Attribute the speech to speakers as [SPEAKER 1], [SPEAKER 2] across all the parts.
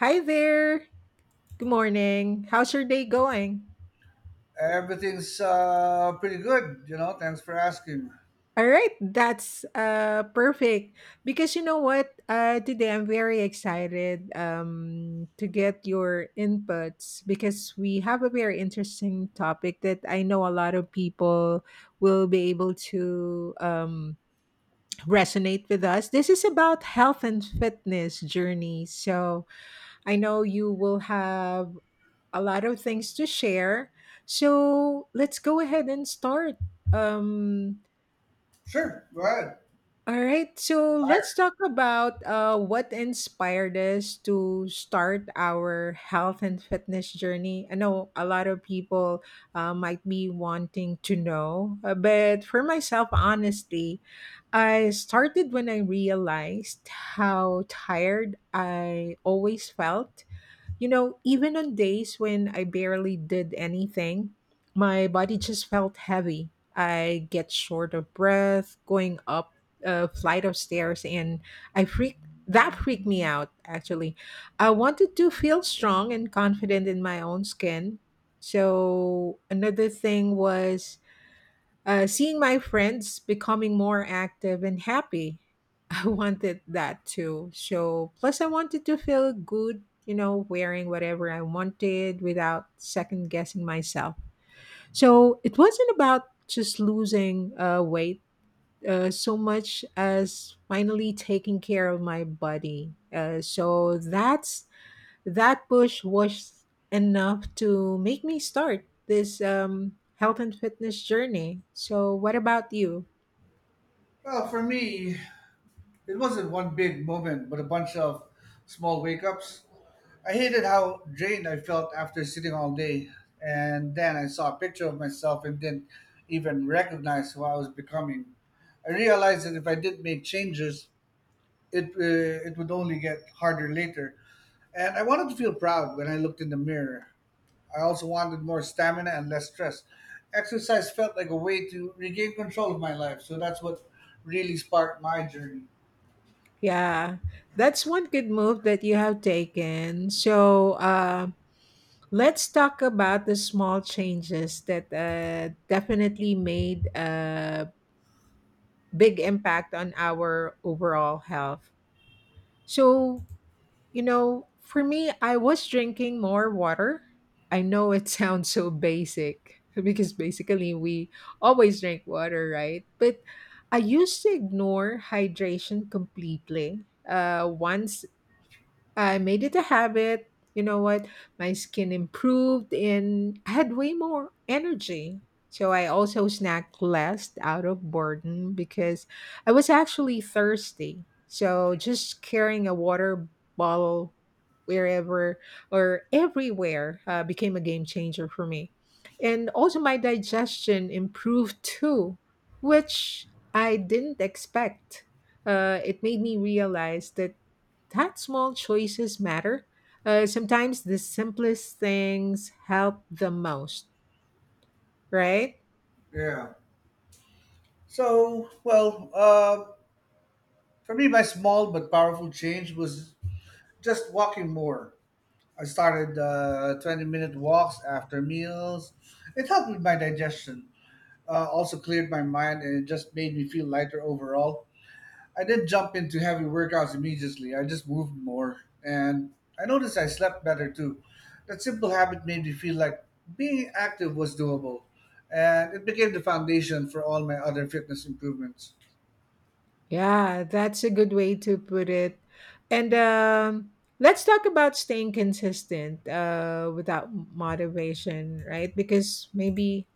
[SPEAKER 1] Hi there. Good morning. How's your day going?
[SPEAKER 2] Everything's pretty good, you know. Thanks for asking.
[SPEAKER 1] All right, that's perfect. Because you know what? Today I'm very excited to get your inputs because we have a very interesting topic that I know a lot of people will be able to resonate with us. This is about health and fitness journey. So, I know you will have a lot of things to share. So let's go ahead and start. Um,
[SPEAKER 2] Sure, go ahead.
[SPEAKER 1] all right. So let's
[SPEAKER 2] Fire.
[SPEAKER 1] talk about what inspired us to start our health and fitness journey. I know a lot of people might be wanting to know, but for myself, honestly, I started when I realized how tired I always felt, you know, even on days when I barely did anything, my body just felt heavy. I get short of breath going up a flight of stairs and I freak that freaked me out actually. I wanted to feel strong and confident in my own skin. So another thing was seeing my friends becoming more active and happy, I wanted that too. So, plus, I wanted to feel good, you know, wearing whatever I wanted without second guessing myself. So, it wasn't about just losing weight. So much as finally taking care of my body. That push was enough to make me start this health and fitness journey. So, what about you?
[SPEAKER 2] Well, for me, it wasn't one big moment, but a bunch of small wake ups. I hated how drained I felt after sitting all day, and then I saw a picture of myself and didn't even recognize who I was becoming. I realized that if I didn't make changes, it would only get harder later. And I wanted to feel proud when I looked in the mirror. I also wanted more stamina and less stress. Exercise felt like a way to regain control of my life. So that's what really sparked my journey.
[SPEAKER 1] Yeah, that's one good move that you have taken. So, let's talk about the small changes that definitely made a big impact on our overall health. So, for me, I was drinking more water. I know it sounds so basic because basically we always drink water, right? But I used to ignore hydration completely. Once I made it a habit. You know what? My skin improved and I had way more energy. So I also snacked less out of boredom because I was actually thirsty. So just carrying a water bottle wherever or everywhere became a game changer for me. And also my digestion improved too, which I didn't expect. It made me realize that small choices matter. Sometimes the simplest things help the most, right?
[SPEAKER 2] Yeah. So, for me, my small but powerful change was just walking more. I started 20-minute walks after meals. It helped with my digestion, also cleared my mind, and it just made me feel lighter overall. I didn't jump into heavy workouts immediately. I just moved more, and I noticed I slept better too. That simple habit made me feel like being active was doable, and it became the foundation for all my other fitness improvements.
[SPEAKER 1] Yeah, that's a good way to put it. And let's talk about staying consistent without motivation, right? Because maybe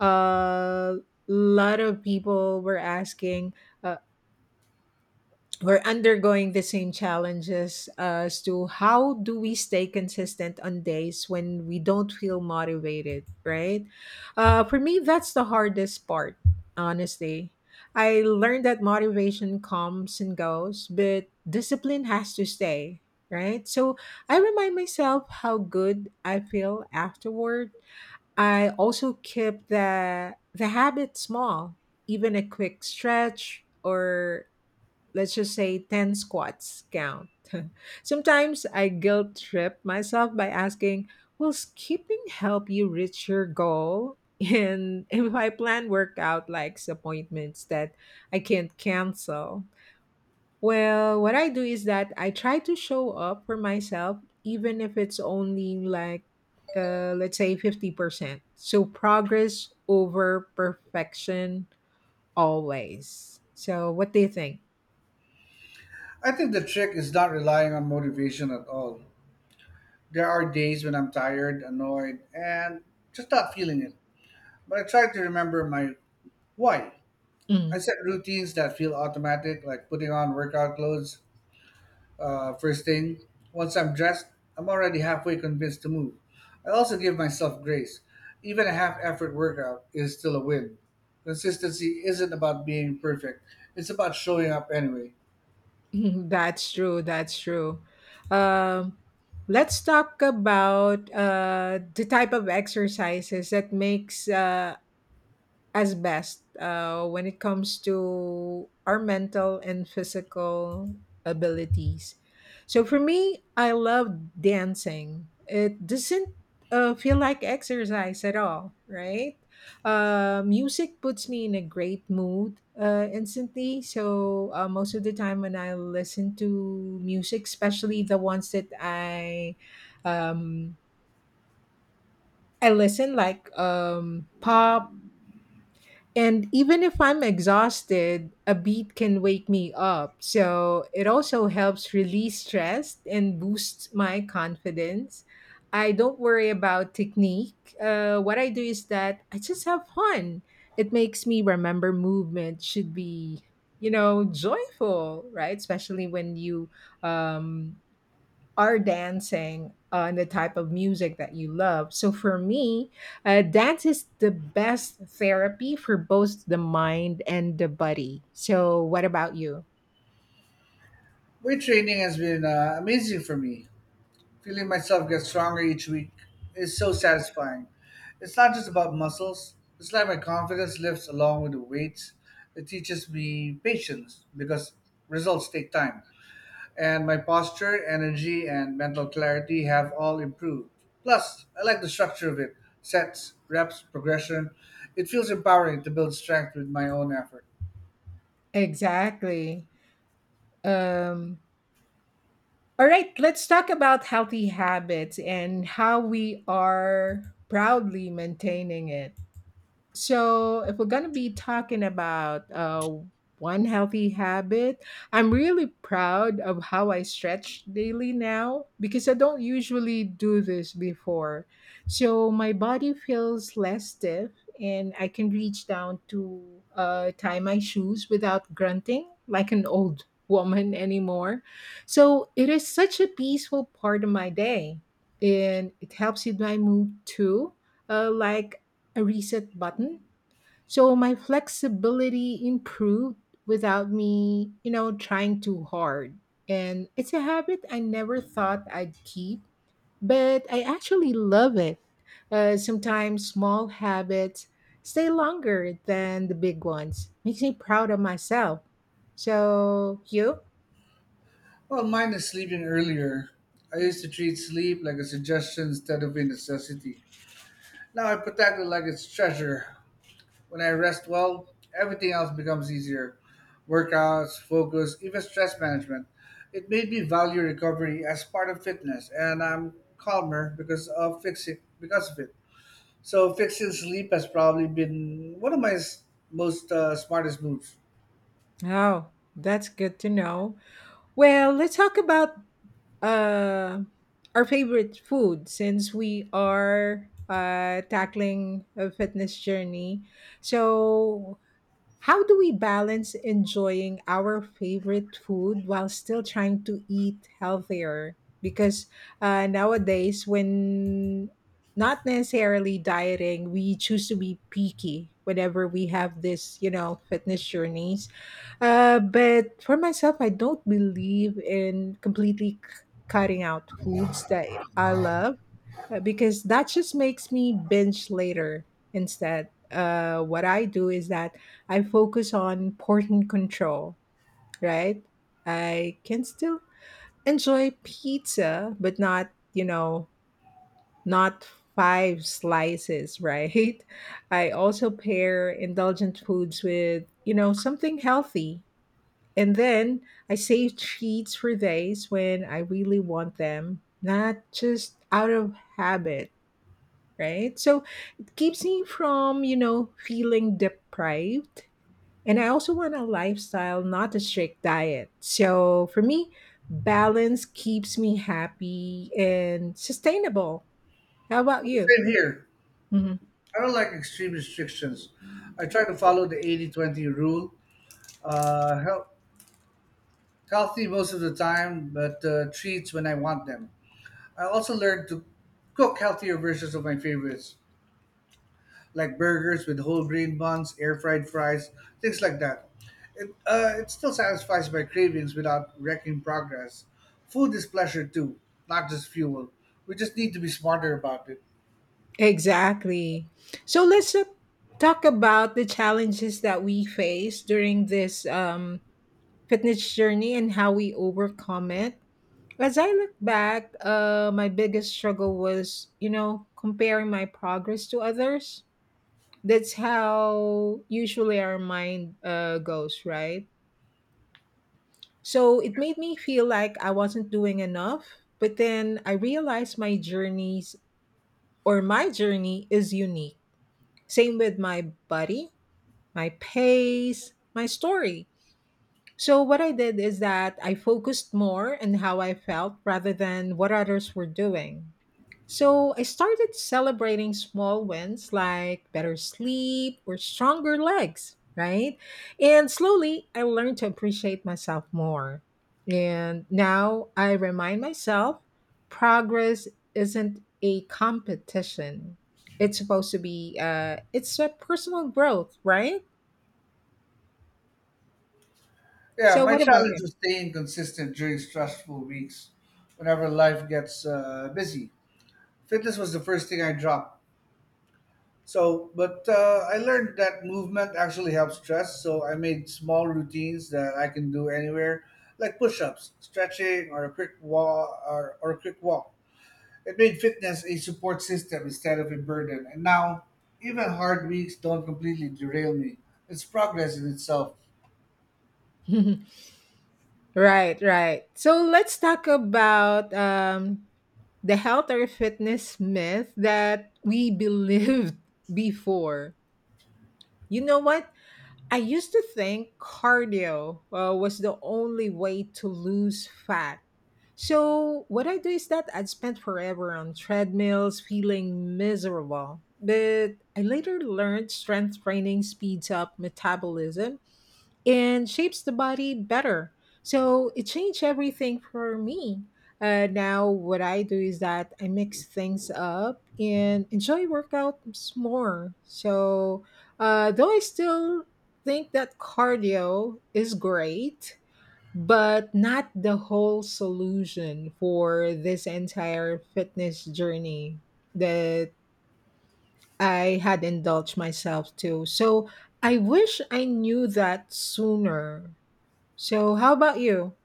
[SPEAKER 1] a lot of people were asking, uh, we're undergoing the same challenges as to how do we stay consistent on days when we don't feel motivated, right? For me, that's the hardest part, honestly. I learned that motivation comes and goes, but discipline has to stay, right? So I remind myself how good I feel afterward. I also keep the habit small. Even a quick stretch or let's just say 10 squats count? Sometimes I guilt trip myself by asking, will skipping help you reach your goal? And if I plan workout likes appointments that I can't cancel, well, what I do is that I try to show up for myself, even if it's only like, let's say 50%. So progress over perfection always. So, what do you think?
[SPEAKER 2] I think the trick is not relying on motivation at all. There are days when I'm tired, annoyed, and just not feeling it. But I try to remember my why. I
[SPEAKER 1] Mm.
[SPEAKER 2] set routines that feel automatic, like putting on workout clothes. First thing, once I'm dressed, I'm already halfway convinced to move. I also give myself grace. Even a half effort workout is still a win. Consistency isn't about being perfect, it's about showing up anyway.
[SPEAKER 1] That's true. That's true. Um, let's talk about the type of exercises that makes as best when it comes to our mental and physical abilities. So for me, I love dancing. It doesn't feel like exercise at all, right? Music puts me in a great mood instantly. So most of the time when I listen to music, especially the ones that um, I listen like pop, and even if I'm exhausted, a beat can wake me up. So it also helps release stress and boosts my confidence. I don't worry about technique. What I do is that I just have fun. It makes me remember movement should be, you know, joyful, right? Especially when you um, are dancing on the type of music that you love. So for me, dance is the best therapy for both the mind and the body. So what about you?
[SPEAKER 2] Weight training has been amazing for me. Feeling myself get stronger each week is so satisfying. It's not just about muscles, it's like my confidence lifts along with the weights. It teaches me patience because results take time, and my posture, energy, and mental clarity have all improved. Plus, I like the structure of it, sets, reps, progression. It feels empowering to build strength with my own effort.
[SPEAKER 1] Exactly. Um, all right, let's talk about healthy habits and how we are proudly maintaining it. So, if we're going to be talking about one healthy habit, I'm really proud of how I stretch daily now because I don't usually do this before. So, my body feels less stiff and I can reach down to tie my shoes without grunting like an old woman anymore. So, it is such a peaceful part of my day and it helps with my mood too, like a reset button. So my flexibility improved without me, you know, trying too hard. And it's a habit I never thought I'd keep, but I actually love it. Sometimes small habits stay longer than the big ones. Makes me proud of myself. So, you?
[SPEAKER 2] Well, mine is sleeping earlier. I used to treat sleep like a suggestion instead of a necessity. Now I protect it like it's treasure. When I rest well, everything else becomes easier, workouts, focus, even stress management. It made me value recovery as part of fitness, and I'm calmer because of it. So fixing sleep has probably been one of my s- most smartest moves.
[SPEAKER 1] Oh, that's good to know. Well, let's talk about uh, our favorite food since we are tackling a fitness journey. So how do we balance enjoying our favorite food while still trying to eat healthier? Because nowadays, when not necessarily dieting, we choose to be picky whenever we have this, you know, fitness journeys. But for myself, I don't believe in completely cutting out foods that I love because that just makes me binge later instead. What I do is that I focus on portion control, right? I can still enjoy pizza, but not, you know, not five slices, right? I also pair indulgent foods with, you know, something healthy. And then I save treats for days when I really want them, not just out of habit, right? So it keeps me from, you know, feeling deprived. And I also want a lifestyle, not a strict diet. So for me, balance keeps me happy and sustainable. How about you?
[SPEAKER 2] Same here.
[SPEAKER 1] Mhm.
[SPEAKER 2] I don't like extreme restrictions. I try to follow the 80-20 rule. Uh, hel- Healthy most of the time, but treats when I want them. I also learned to cook healthier versions of my favorites, like burgers with whole grain buns, air fried fries, things like that. It still satisfies my cravings without wrecking progress. Food is pleasure too, not just fuel. We just need to be smarter about it.
[SPEAKER 1] Exactly. So let's talk about the challenges that we face during this fitness journey and how we overcome it. As I look back, my biggest struggle was, you know, comparing my progress to others. That's how usually our mind goes, right? So it made me feel like I wasn't doing enough, but then I realized my journeys or my journey is unique. Same with my body, my pace, my story. So what I did is that I focused more on how I felt rather than what others were doing. So I started celebrating small wins like better sleep or stronger legs, right? And slowly I learned to appreciate myself more. And now I remind myself progress isn't a competition. It's supposed to be it's a personal growth, right?
[SPEAKER 2] Yeah,
[SPEAKER 1] So
[SPEAKER 2] my
[SPEAKER 1] what about
[SPEAKER 2] challenge was staying consistent during stressful weeks whenever life gets busy. Fitness was the first thing I dropped. But I learned that movement actually helps stress. So I made small routines that I can do anywhere, like push-ups, stretching, or a quick walk. It made fitness a support system instead of a burden. And now, even hard weeks don't completely derail me. It's progress in itself.
[SPEAKER 1] you? Right, right. So let's talk about the health or fitness myth that we believed before. You know what? I used to think cardio was the only way to lose fat. So, what I do is that I'd spend forever on treadmills feeling miserable. But I later learned strength training speeds up metabolism and shapes the body better. So it changed everything for me. Now, what I do is that I mix things up and enjoy workouts more. So, though I still think that cardio is great, but not the whole solution for this entire fitness journey that I had indulged myself to. So, I wish I knew that sooner. So, how about you?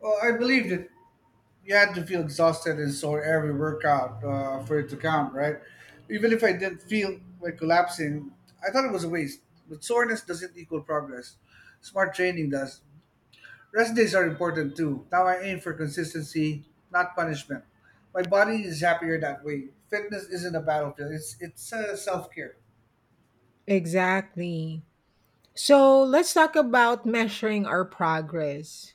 [SPEAKER 2] Well, I believe that you had to feel exhausted and sore every workout for it to count, right? Even if I didn't feel like collapsing, I thought it was a waste. But soreness doesn't equal progress. Smart training does. Rest days are important too. Now I aim for consistency, not punishment. My body is happier that way. Fitness isn't a battlefield. It's self care.
[SPEAKER 1] Exactly. So, let's talk about measuring our progress.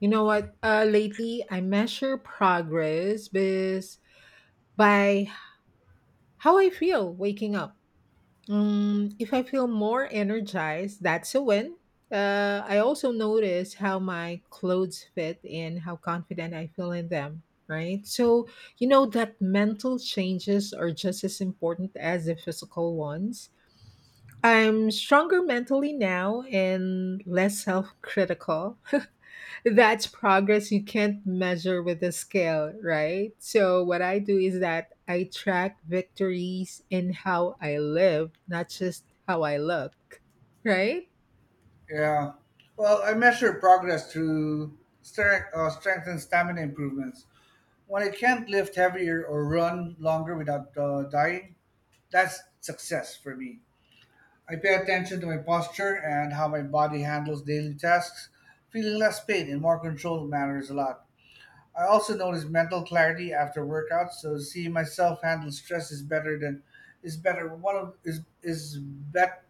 [SPEAKER 1] You know what? Lately, I measure progress by how I feel waking up. If I feel more energized, that's a win. I also notice how my clothes fit and how confident I feel in them, right? So, you know that mental changes are just as important as the physical ones. I'm stronger mentally now and less self critical. That's progress you can't measure with a scale, right? So, what I do is that I track victories in how I live, not just how I look, right?
[SPEAKER 2] Yeah. Well, I measure progress through strength and stamina improvements. When I can't lift heavier or run longer without dying, that's success for me. I pay attention to my posture and how my body handles daily tasks. Feeling less pain and more control matters a lot. I also notice mental clarity after workouts, so seeing myself handle stress is better than is better one of is bet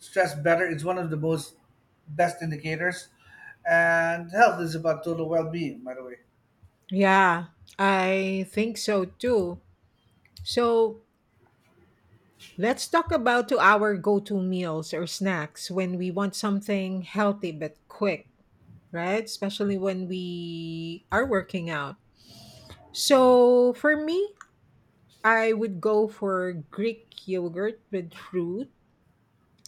[SPEAKER 2] stress better. Is one of the most best indicators. And health is about total well being, by the way.
[SPEAKER 1] Yeah, I think so too. So, let's talk about to our go to meals or snacks when we want something healthy but quick. Right? Especially when we are working out. So for me, I would go for Greek yogurt with fruit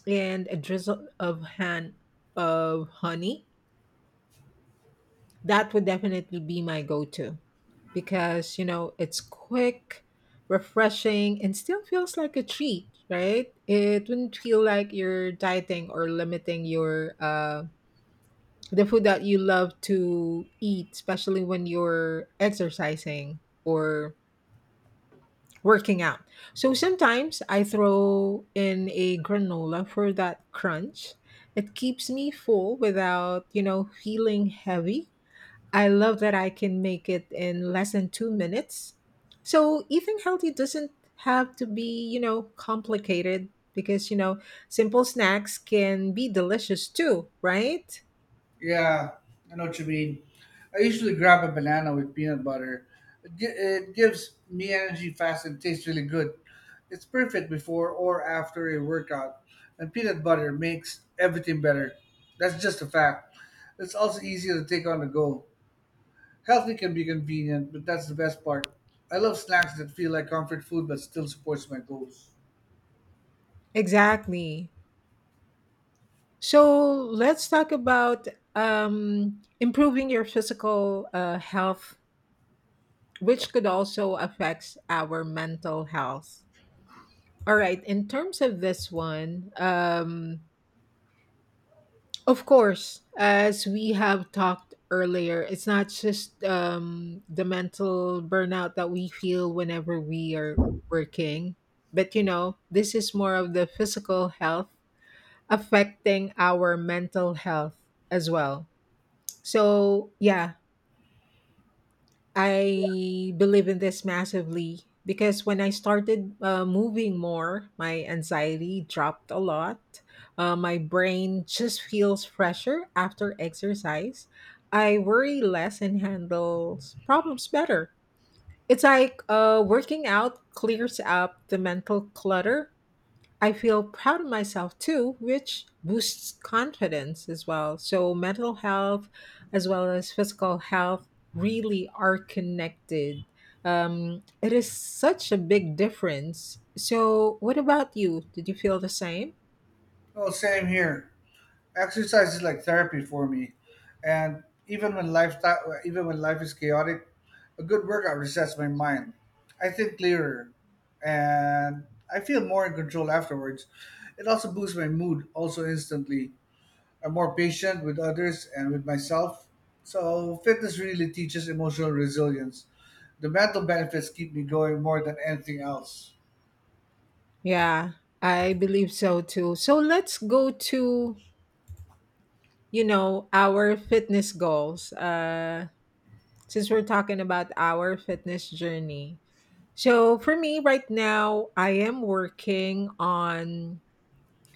[SPEAKER 1] and a drizzle of han of honey. That would definitely be my go-to because you know it's quick, refreshing, and still feels like a treat, right? It wouldn't feel like you're dieting or limiting your the food that you love to eat, especially when you're exercising or working out. So sometimes I throw in a granola for that crunch. It keeps me full without, you know, feeling heavy. I love that I can make it in less than 2 minutes. So eating healthy doesn't have to be, you know, complicated because, you know, simple snacks can be delicious too, right?
[SPEAKER 2] Yeah, I know what you mean. I usually grab a banana with peanut butter. It gives me energy fast and tastes really good. It's perfect before or after a workout, and peanut butter makes everything better. That's just a fact. It's also easier to take on the go. Healthy can be convenient, but that's the best part. I love snacks that feel like comfort food but still supports my goals.
[SPEAKER 1] Exactly. So let's talk about improving your physical health, which could also affect our mental health. All right, in terms of this one, of course, as we have talked earlier, it's not just the mental burnout that we feel whenever we are working, but you know, this is more of the physical health affecting our mental health as well. So yeah, I believe in this massively because when I started moving more, my anxiety dropped a lot. My brain just feels fresher after exercise. I worry less and handles problems better. It's like working out clears up the mental clutter. I feel proud of myself too, which boosts confidence as well. So, mental health as well as physical health really are connected. It is such a big difference. So, what about you? Did you feel the same?
[SPEAKER 2] Oh, same here. Exercise is like therapy for me, and even when life is chaotic, a good workout resets my mind. I think clearer, and I feel more in control afterwards. It also boosts my mood also instantly. I'm more patient with others and with myself. So fitness really teaches emotional resilience. The mental benefits keep me going more than anything else.
[SPEAKER 1] Yeah, I believe so too. So, let's go to you know our fitness goals. Since we're talking about our fitness journey. So for me right now, I am working on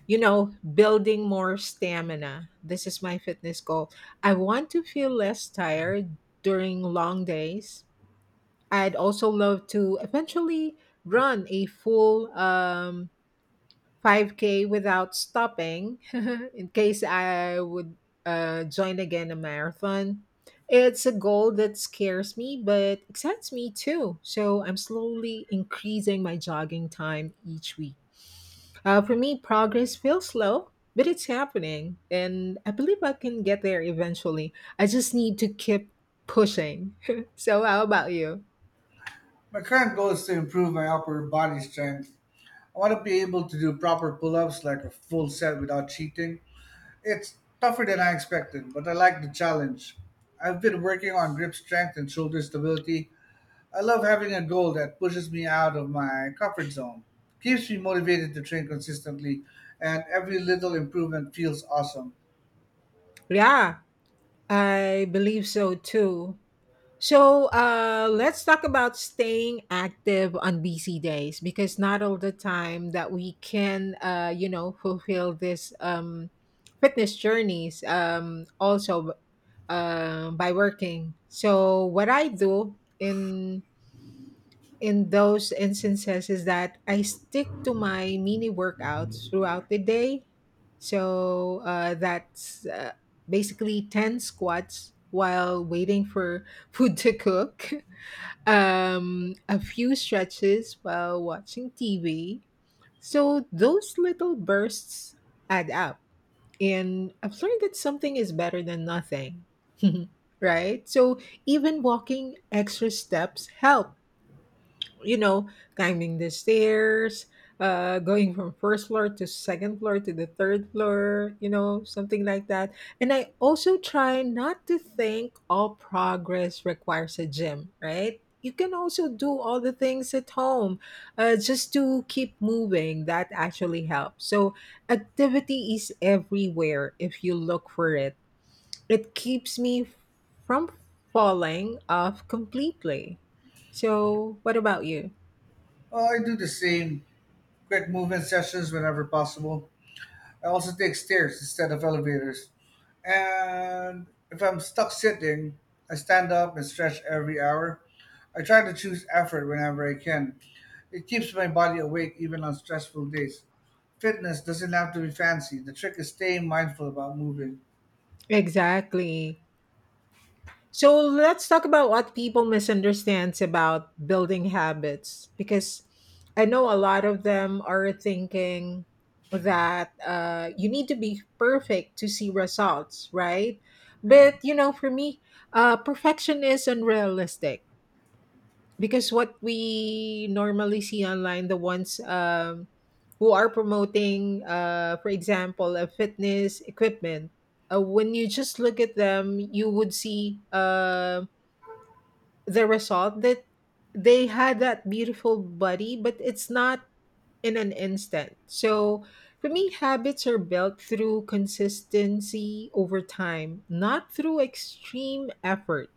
[SPEAKER 1] you know building more stamina. This is my fitness goal. I want to feel less tired during long days. I'd also love to eventually run a full 5K without stopping in case I would join again a marathon. It's a goal that scares me, but excites me too. So I'm slowly increasing my jogging time each week. For me, progress feels slow, but it's happening. And I believe I can get there eventually. I just need to keep pushing. So, how about you?
[SPEAKER 2] My current goal is to improve my upper body strength. I want to be able to do proper pull ups like a full set without cheating. It's tougher than I expected, but I like the challenge. I've been working on grip strength and shoulder stability. I love having a goal that pushes me out of my comfort zone, keeps me motivated to train consistently, and every little improvement feels awesome.
[SPEAKER 1] Yeah, I believe so too. So let's talk about staying active on busy days because not all the time that we can, you know, fulfill this fitness journeys also by working. So what I do in those instances is that I stick to my mini workouts throughout the day. So that's basically ten squats while waiting for food to cook a few stretches while watching TV. So those little bursts add up. And I've learned that something is better than nothing. Right? So even walking extra steps help, you know, climbing the stairs, going from first floor to second floor to the third floor, you know, something like that. And I also try not to think all progress requires a gym, right? You can also do all the things at home, just to keep moving. That actually helps. So, activity is everywhere if you look for it. It keeps me from falling off completely. So, what about you?
[SPEAKER 2] Well, I do the same quick movement sessions whenever possible. I also take stairs instead of elevators. And if I'm stuck sitting, I stand up and stretch every hour. I try to choose effort whenever I can. It keeps my body awake even on stressful days. Fitness doesn't have to be fancy. The trick is staying mindful about moving.
[SPEAKER 1] Exactly. So let's talk about what people misunderstands about building habits because I know a lot of them are thinking that you need to be perfect to see results, right?
[SPEAKER 2] Yeah.
[SPEAKER 1] But you know, for me, perfection is unrealistic because what we normally see online, the ones who are promoting, for example, a fitness equipment, when you just look at them, you would see the result that they had, that beautiful body, but it's not in an instant. So for me, habits are built through consistency over time, not through extreme effort.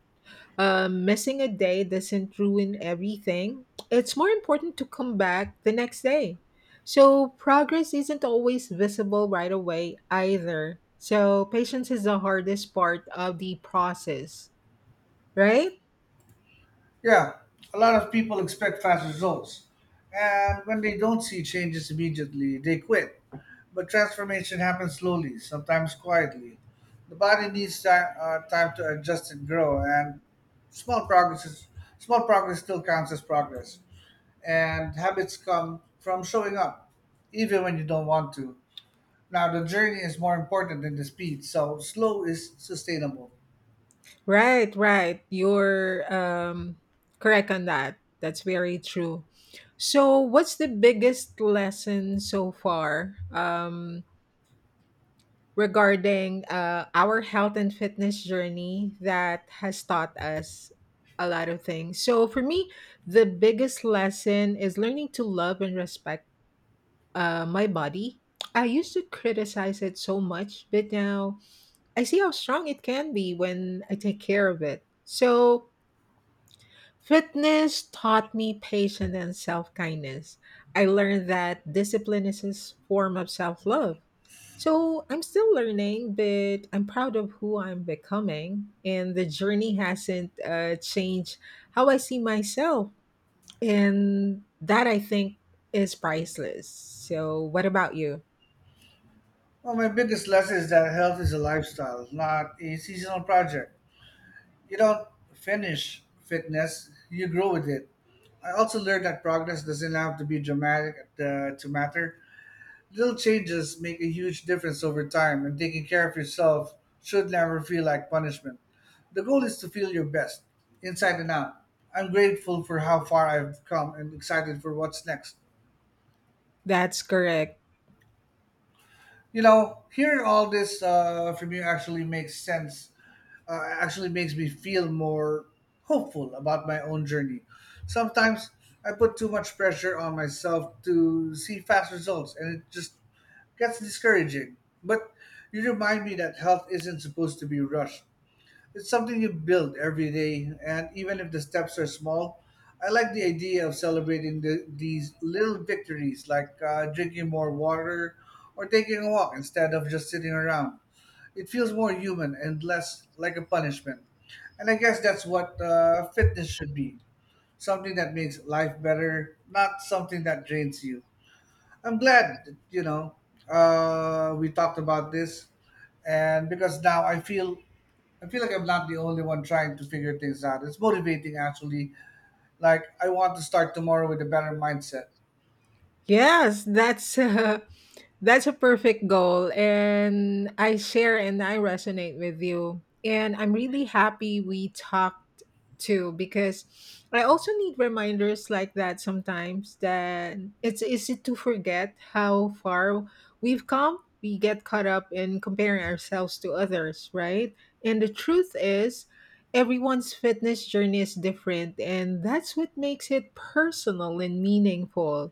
[SPEAKER 1] Missing a day doesn't ruin everything. It's more important to come back the next day. So, progress isn't always visible right away either. So, patience is the hardest part of the process, right?
[SPEAKER 2] Yeah, a lot of people expect fast results, and when they don't see changes immediately, they quit. But transformation happens slowly, sometimes quietly. The body needs time to adjust and grow, and small progress is, small progress still counts as progress. And habits come from showing up, even when you don't want to. Now the journey is more important than the speed, so slow is sustainable.
[SPEAKER 1] Right, right. You're correct on that. That's very true. So, what's the biggest lesson so far? Regarding our health and fitness journey that has taught us a lot of things. So for me, the biggest lesson is learning to love and respect my body. I used to criticize it so much, but now I see how strong it can be when I take care of it. So fitness taught me patience and self kindness. I learned that discipline is a form of self love. So I'm still learning, but I'm proud of who I'm becoming. And the journey hasn't changed how I see myself. And that I think is priceless. So, what about you?
[SPEAKER 2] Well, my biggest lesson is that health is a lifestyle, not a seasonal project. You don't finish fitness, you grow with it. I also learned that progress doesn't have to be dramatic to matter. Little changes make a huge difference over time, and taking care of yourself should never feel like punishment. The goal is to feel your best, inside and out. I'm grateful for how far I've come and excited for what's next.
[SPEAKER 1] That's correct.
[SPEAKER 2] You know, hearing all this from you actually makes me feel more hopeful about my own journey. Sometimes I put too much pressure on myself to see fast results and it just gets discouraging. But you remind me that health isn't supposed to be rushed. It's something you build every day, and even if the steps are small, I like the idea of celebrating these little victories like drinking more water or taking a walk instead of just sitting around. It feels more human and less like a punishment. And I guess that's what fitness should be, something that makes life better, not something that drains you. I'm glad that, you know, we talked about this. And because now I feel like I'm not the only one trying to figure things out. It's motivating actually. Like I want to start tomorrow with a better mindset.
[SPEAKER 1] Yes, that's that's a perfect goal. And I share and I resonate with you. And I'm really happy we talked too because I also need reminders like that sometimes, that it's easy to forget how far we've come. We get caught up in comparing ourselves to others, right? And the truth is, everyone's fitness journey is different. And that's what makes it personal and meaningful.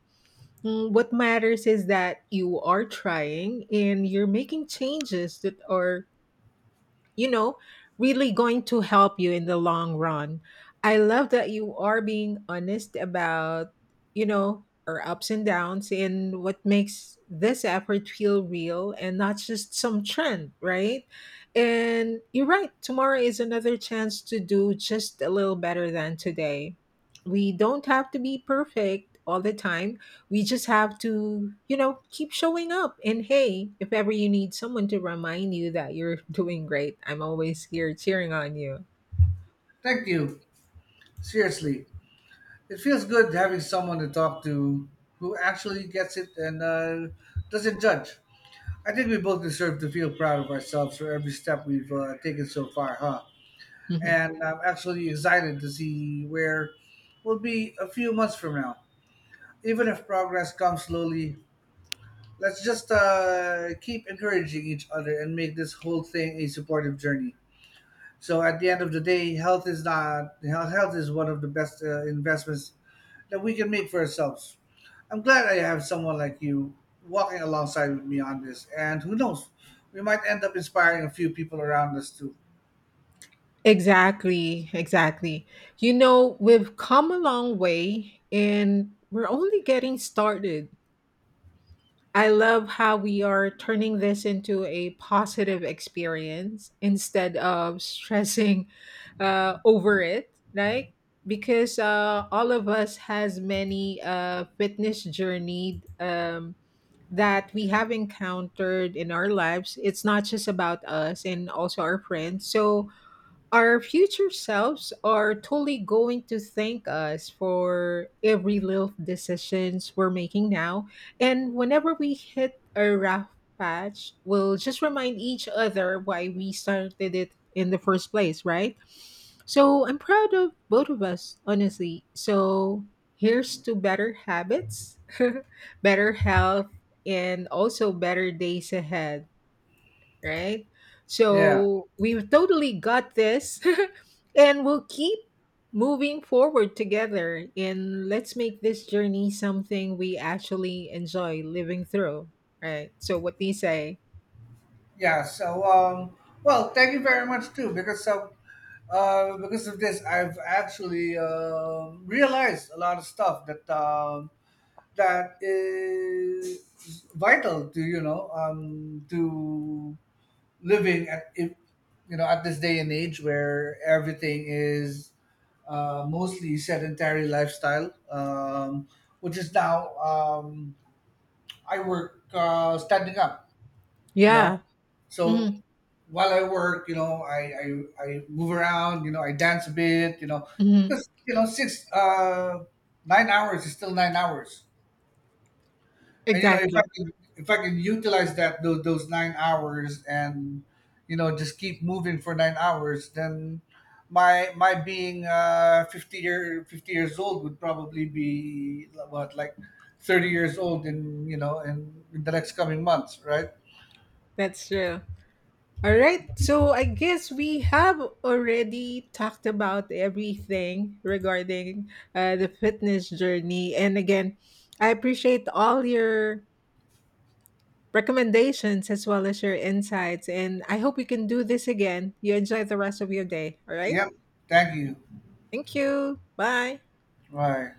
[SPEAKER 1] Mm. What matters is that you are trying and you're making changes that are, you know, really going to help you in the long run. I love that you are being honest about, you know, our ups and downs and what makes this effort feel real and not just some trend, right? And you're right, tomorrow is another chance to do just a little better than today. We don't have to be perfect all the time, we just have to, you know, keep showing up. And hey, if ever you need someone to remind you that you're doing great, I'm always here cheering on you.
[SPEAKER 2] Thank you. Seriously. It feels good having someone to talk to who actually gets it and doesn't judge. I think we both deserve to feel proud of ourselves for every step we've taken so far, huh?
[SPEAKER 1] Mhm.
[SPEAKER 2] And I'm actually excited to see where we'll be a few months from now. Even if progress comes slowly, let's just keep encouraging each other and make this whole thing a supportive journey. So at the end of the day, health is not health health is one of the best investments that we can make for ourselves. I'm glad I have someone like you walking alongside with me on this, and who knows, we might end up inspiring a few people around us too.
[SPEAKER 1] Exactly, exactly. You know, we've come a long way and we're only getting started. I love how we are turning this into a positive experience instead of stressing over it, right? Because all of us has many fitness journey that we have encountered in our lives. It's not just about us and also our friends. So our future selves are totally going to thank us for every little decisions we're making now. And whenever we hit a rough patch, we'll just remind each other why we started it in the first place, right? So I'm proud of both of us, honestly. So here's to better habits, better health, and also better days ahead, right?
[SPEAKER 2] Yeah,
[SPEAKER 1] So we totally got this. And we'll keep moving forward together and let's make this journey something we actually enjoy living through, right? So what do you say?
[SPEAKER 2] yeah. So, thank you very much too, because of this, I've actually realized a lot of stuff that that is vital to you know to living at if- you know at this day and age where everything is mostly sedentary lifestyle, which is now I work standing up, you
[SPEAKER 1] Yeah.
[SPEAKER 2] know. So
[SPEAKER 1] Hmm.
[SPEAKER 2] while I work, you know, I move around, you know, I dance a bit, you know,
[SPEAKER 1] Hmm.
[SPEAKER 2] because, you know, 9 hours is still 9 hours. And you know if
[SPEAKER 1] Exactly.
[SPEAKER 2] I could utilize that those 9 hours and you know just keep moving for 9 hours, then my being 50 year 50 years old would probably be what, like 30 years old in you know in the next coming months, right?
[SPEAKER 1] That's true. All right. So I guess we have already talked about everything regarding the fitness journey. And again, I appreciate all your recommendations as well as your insights. And I hope we can do this again. You enjoy the rest of your day. All right.
[SPEAKER 2] Yep, thank you.
[SPEAKER 1] Thank you. Bye.
[SPEAKER 2] Right.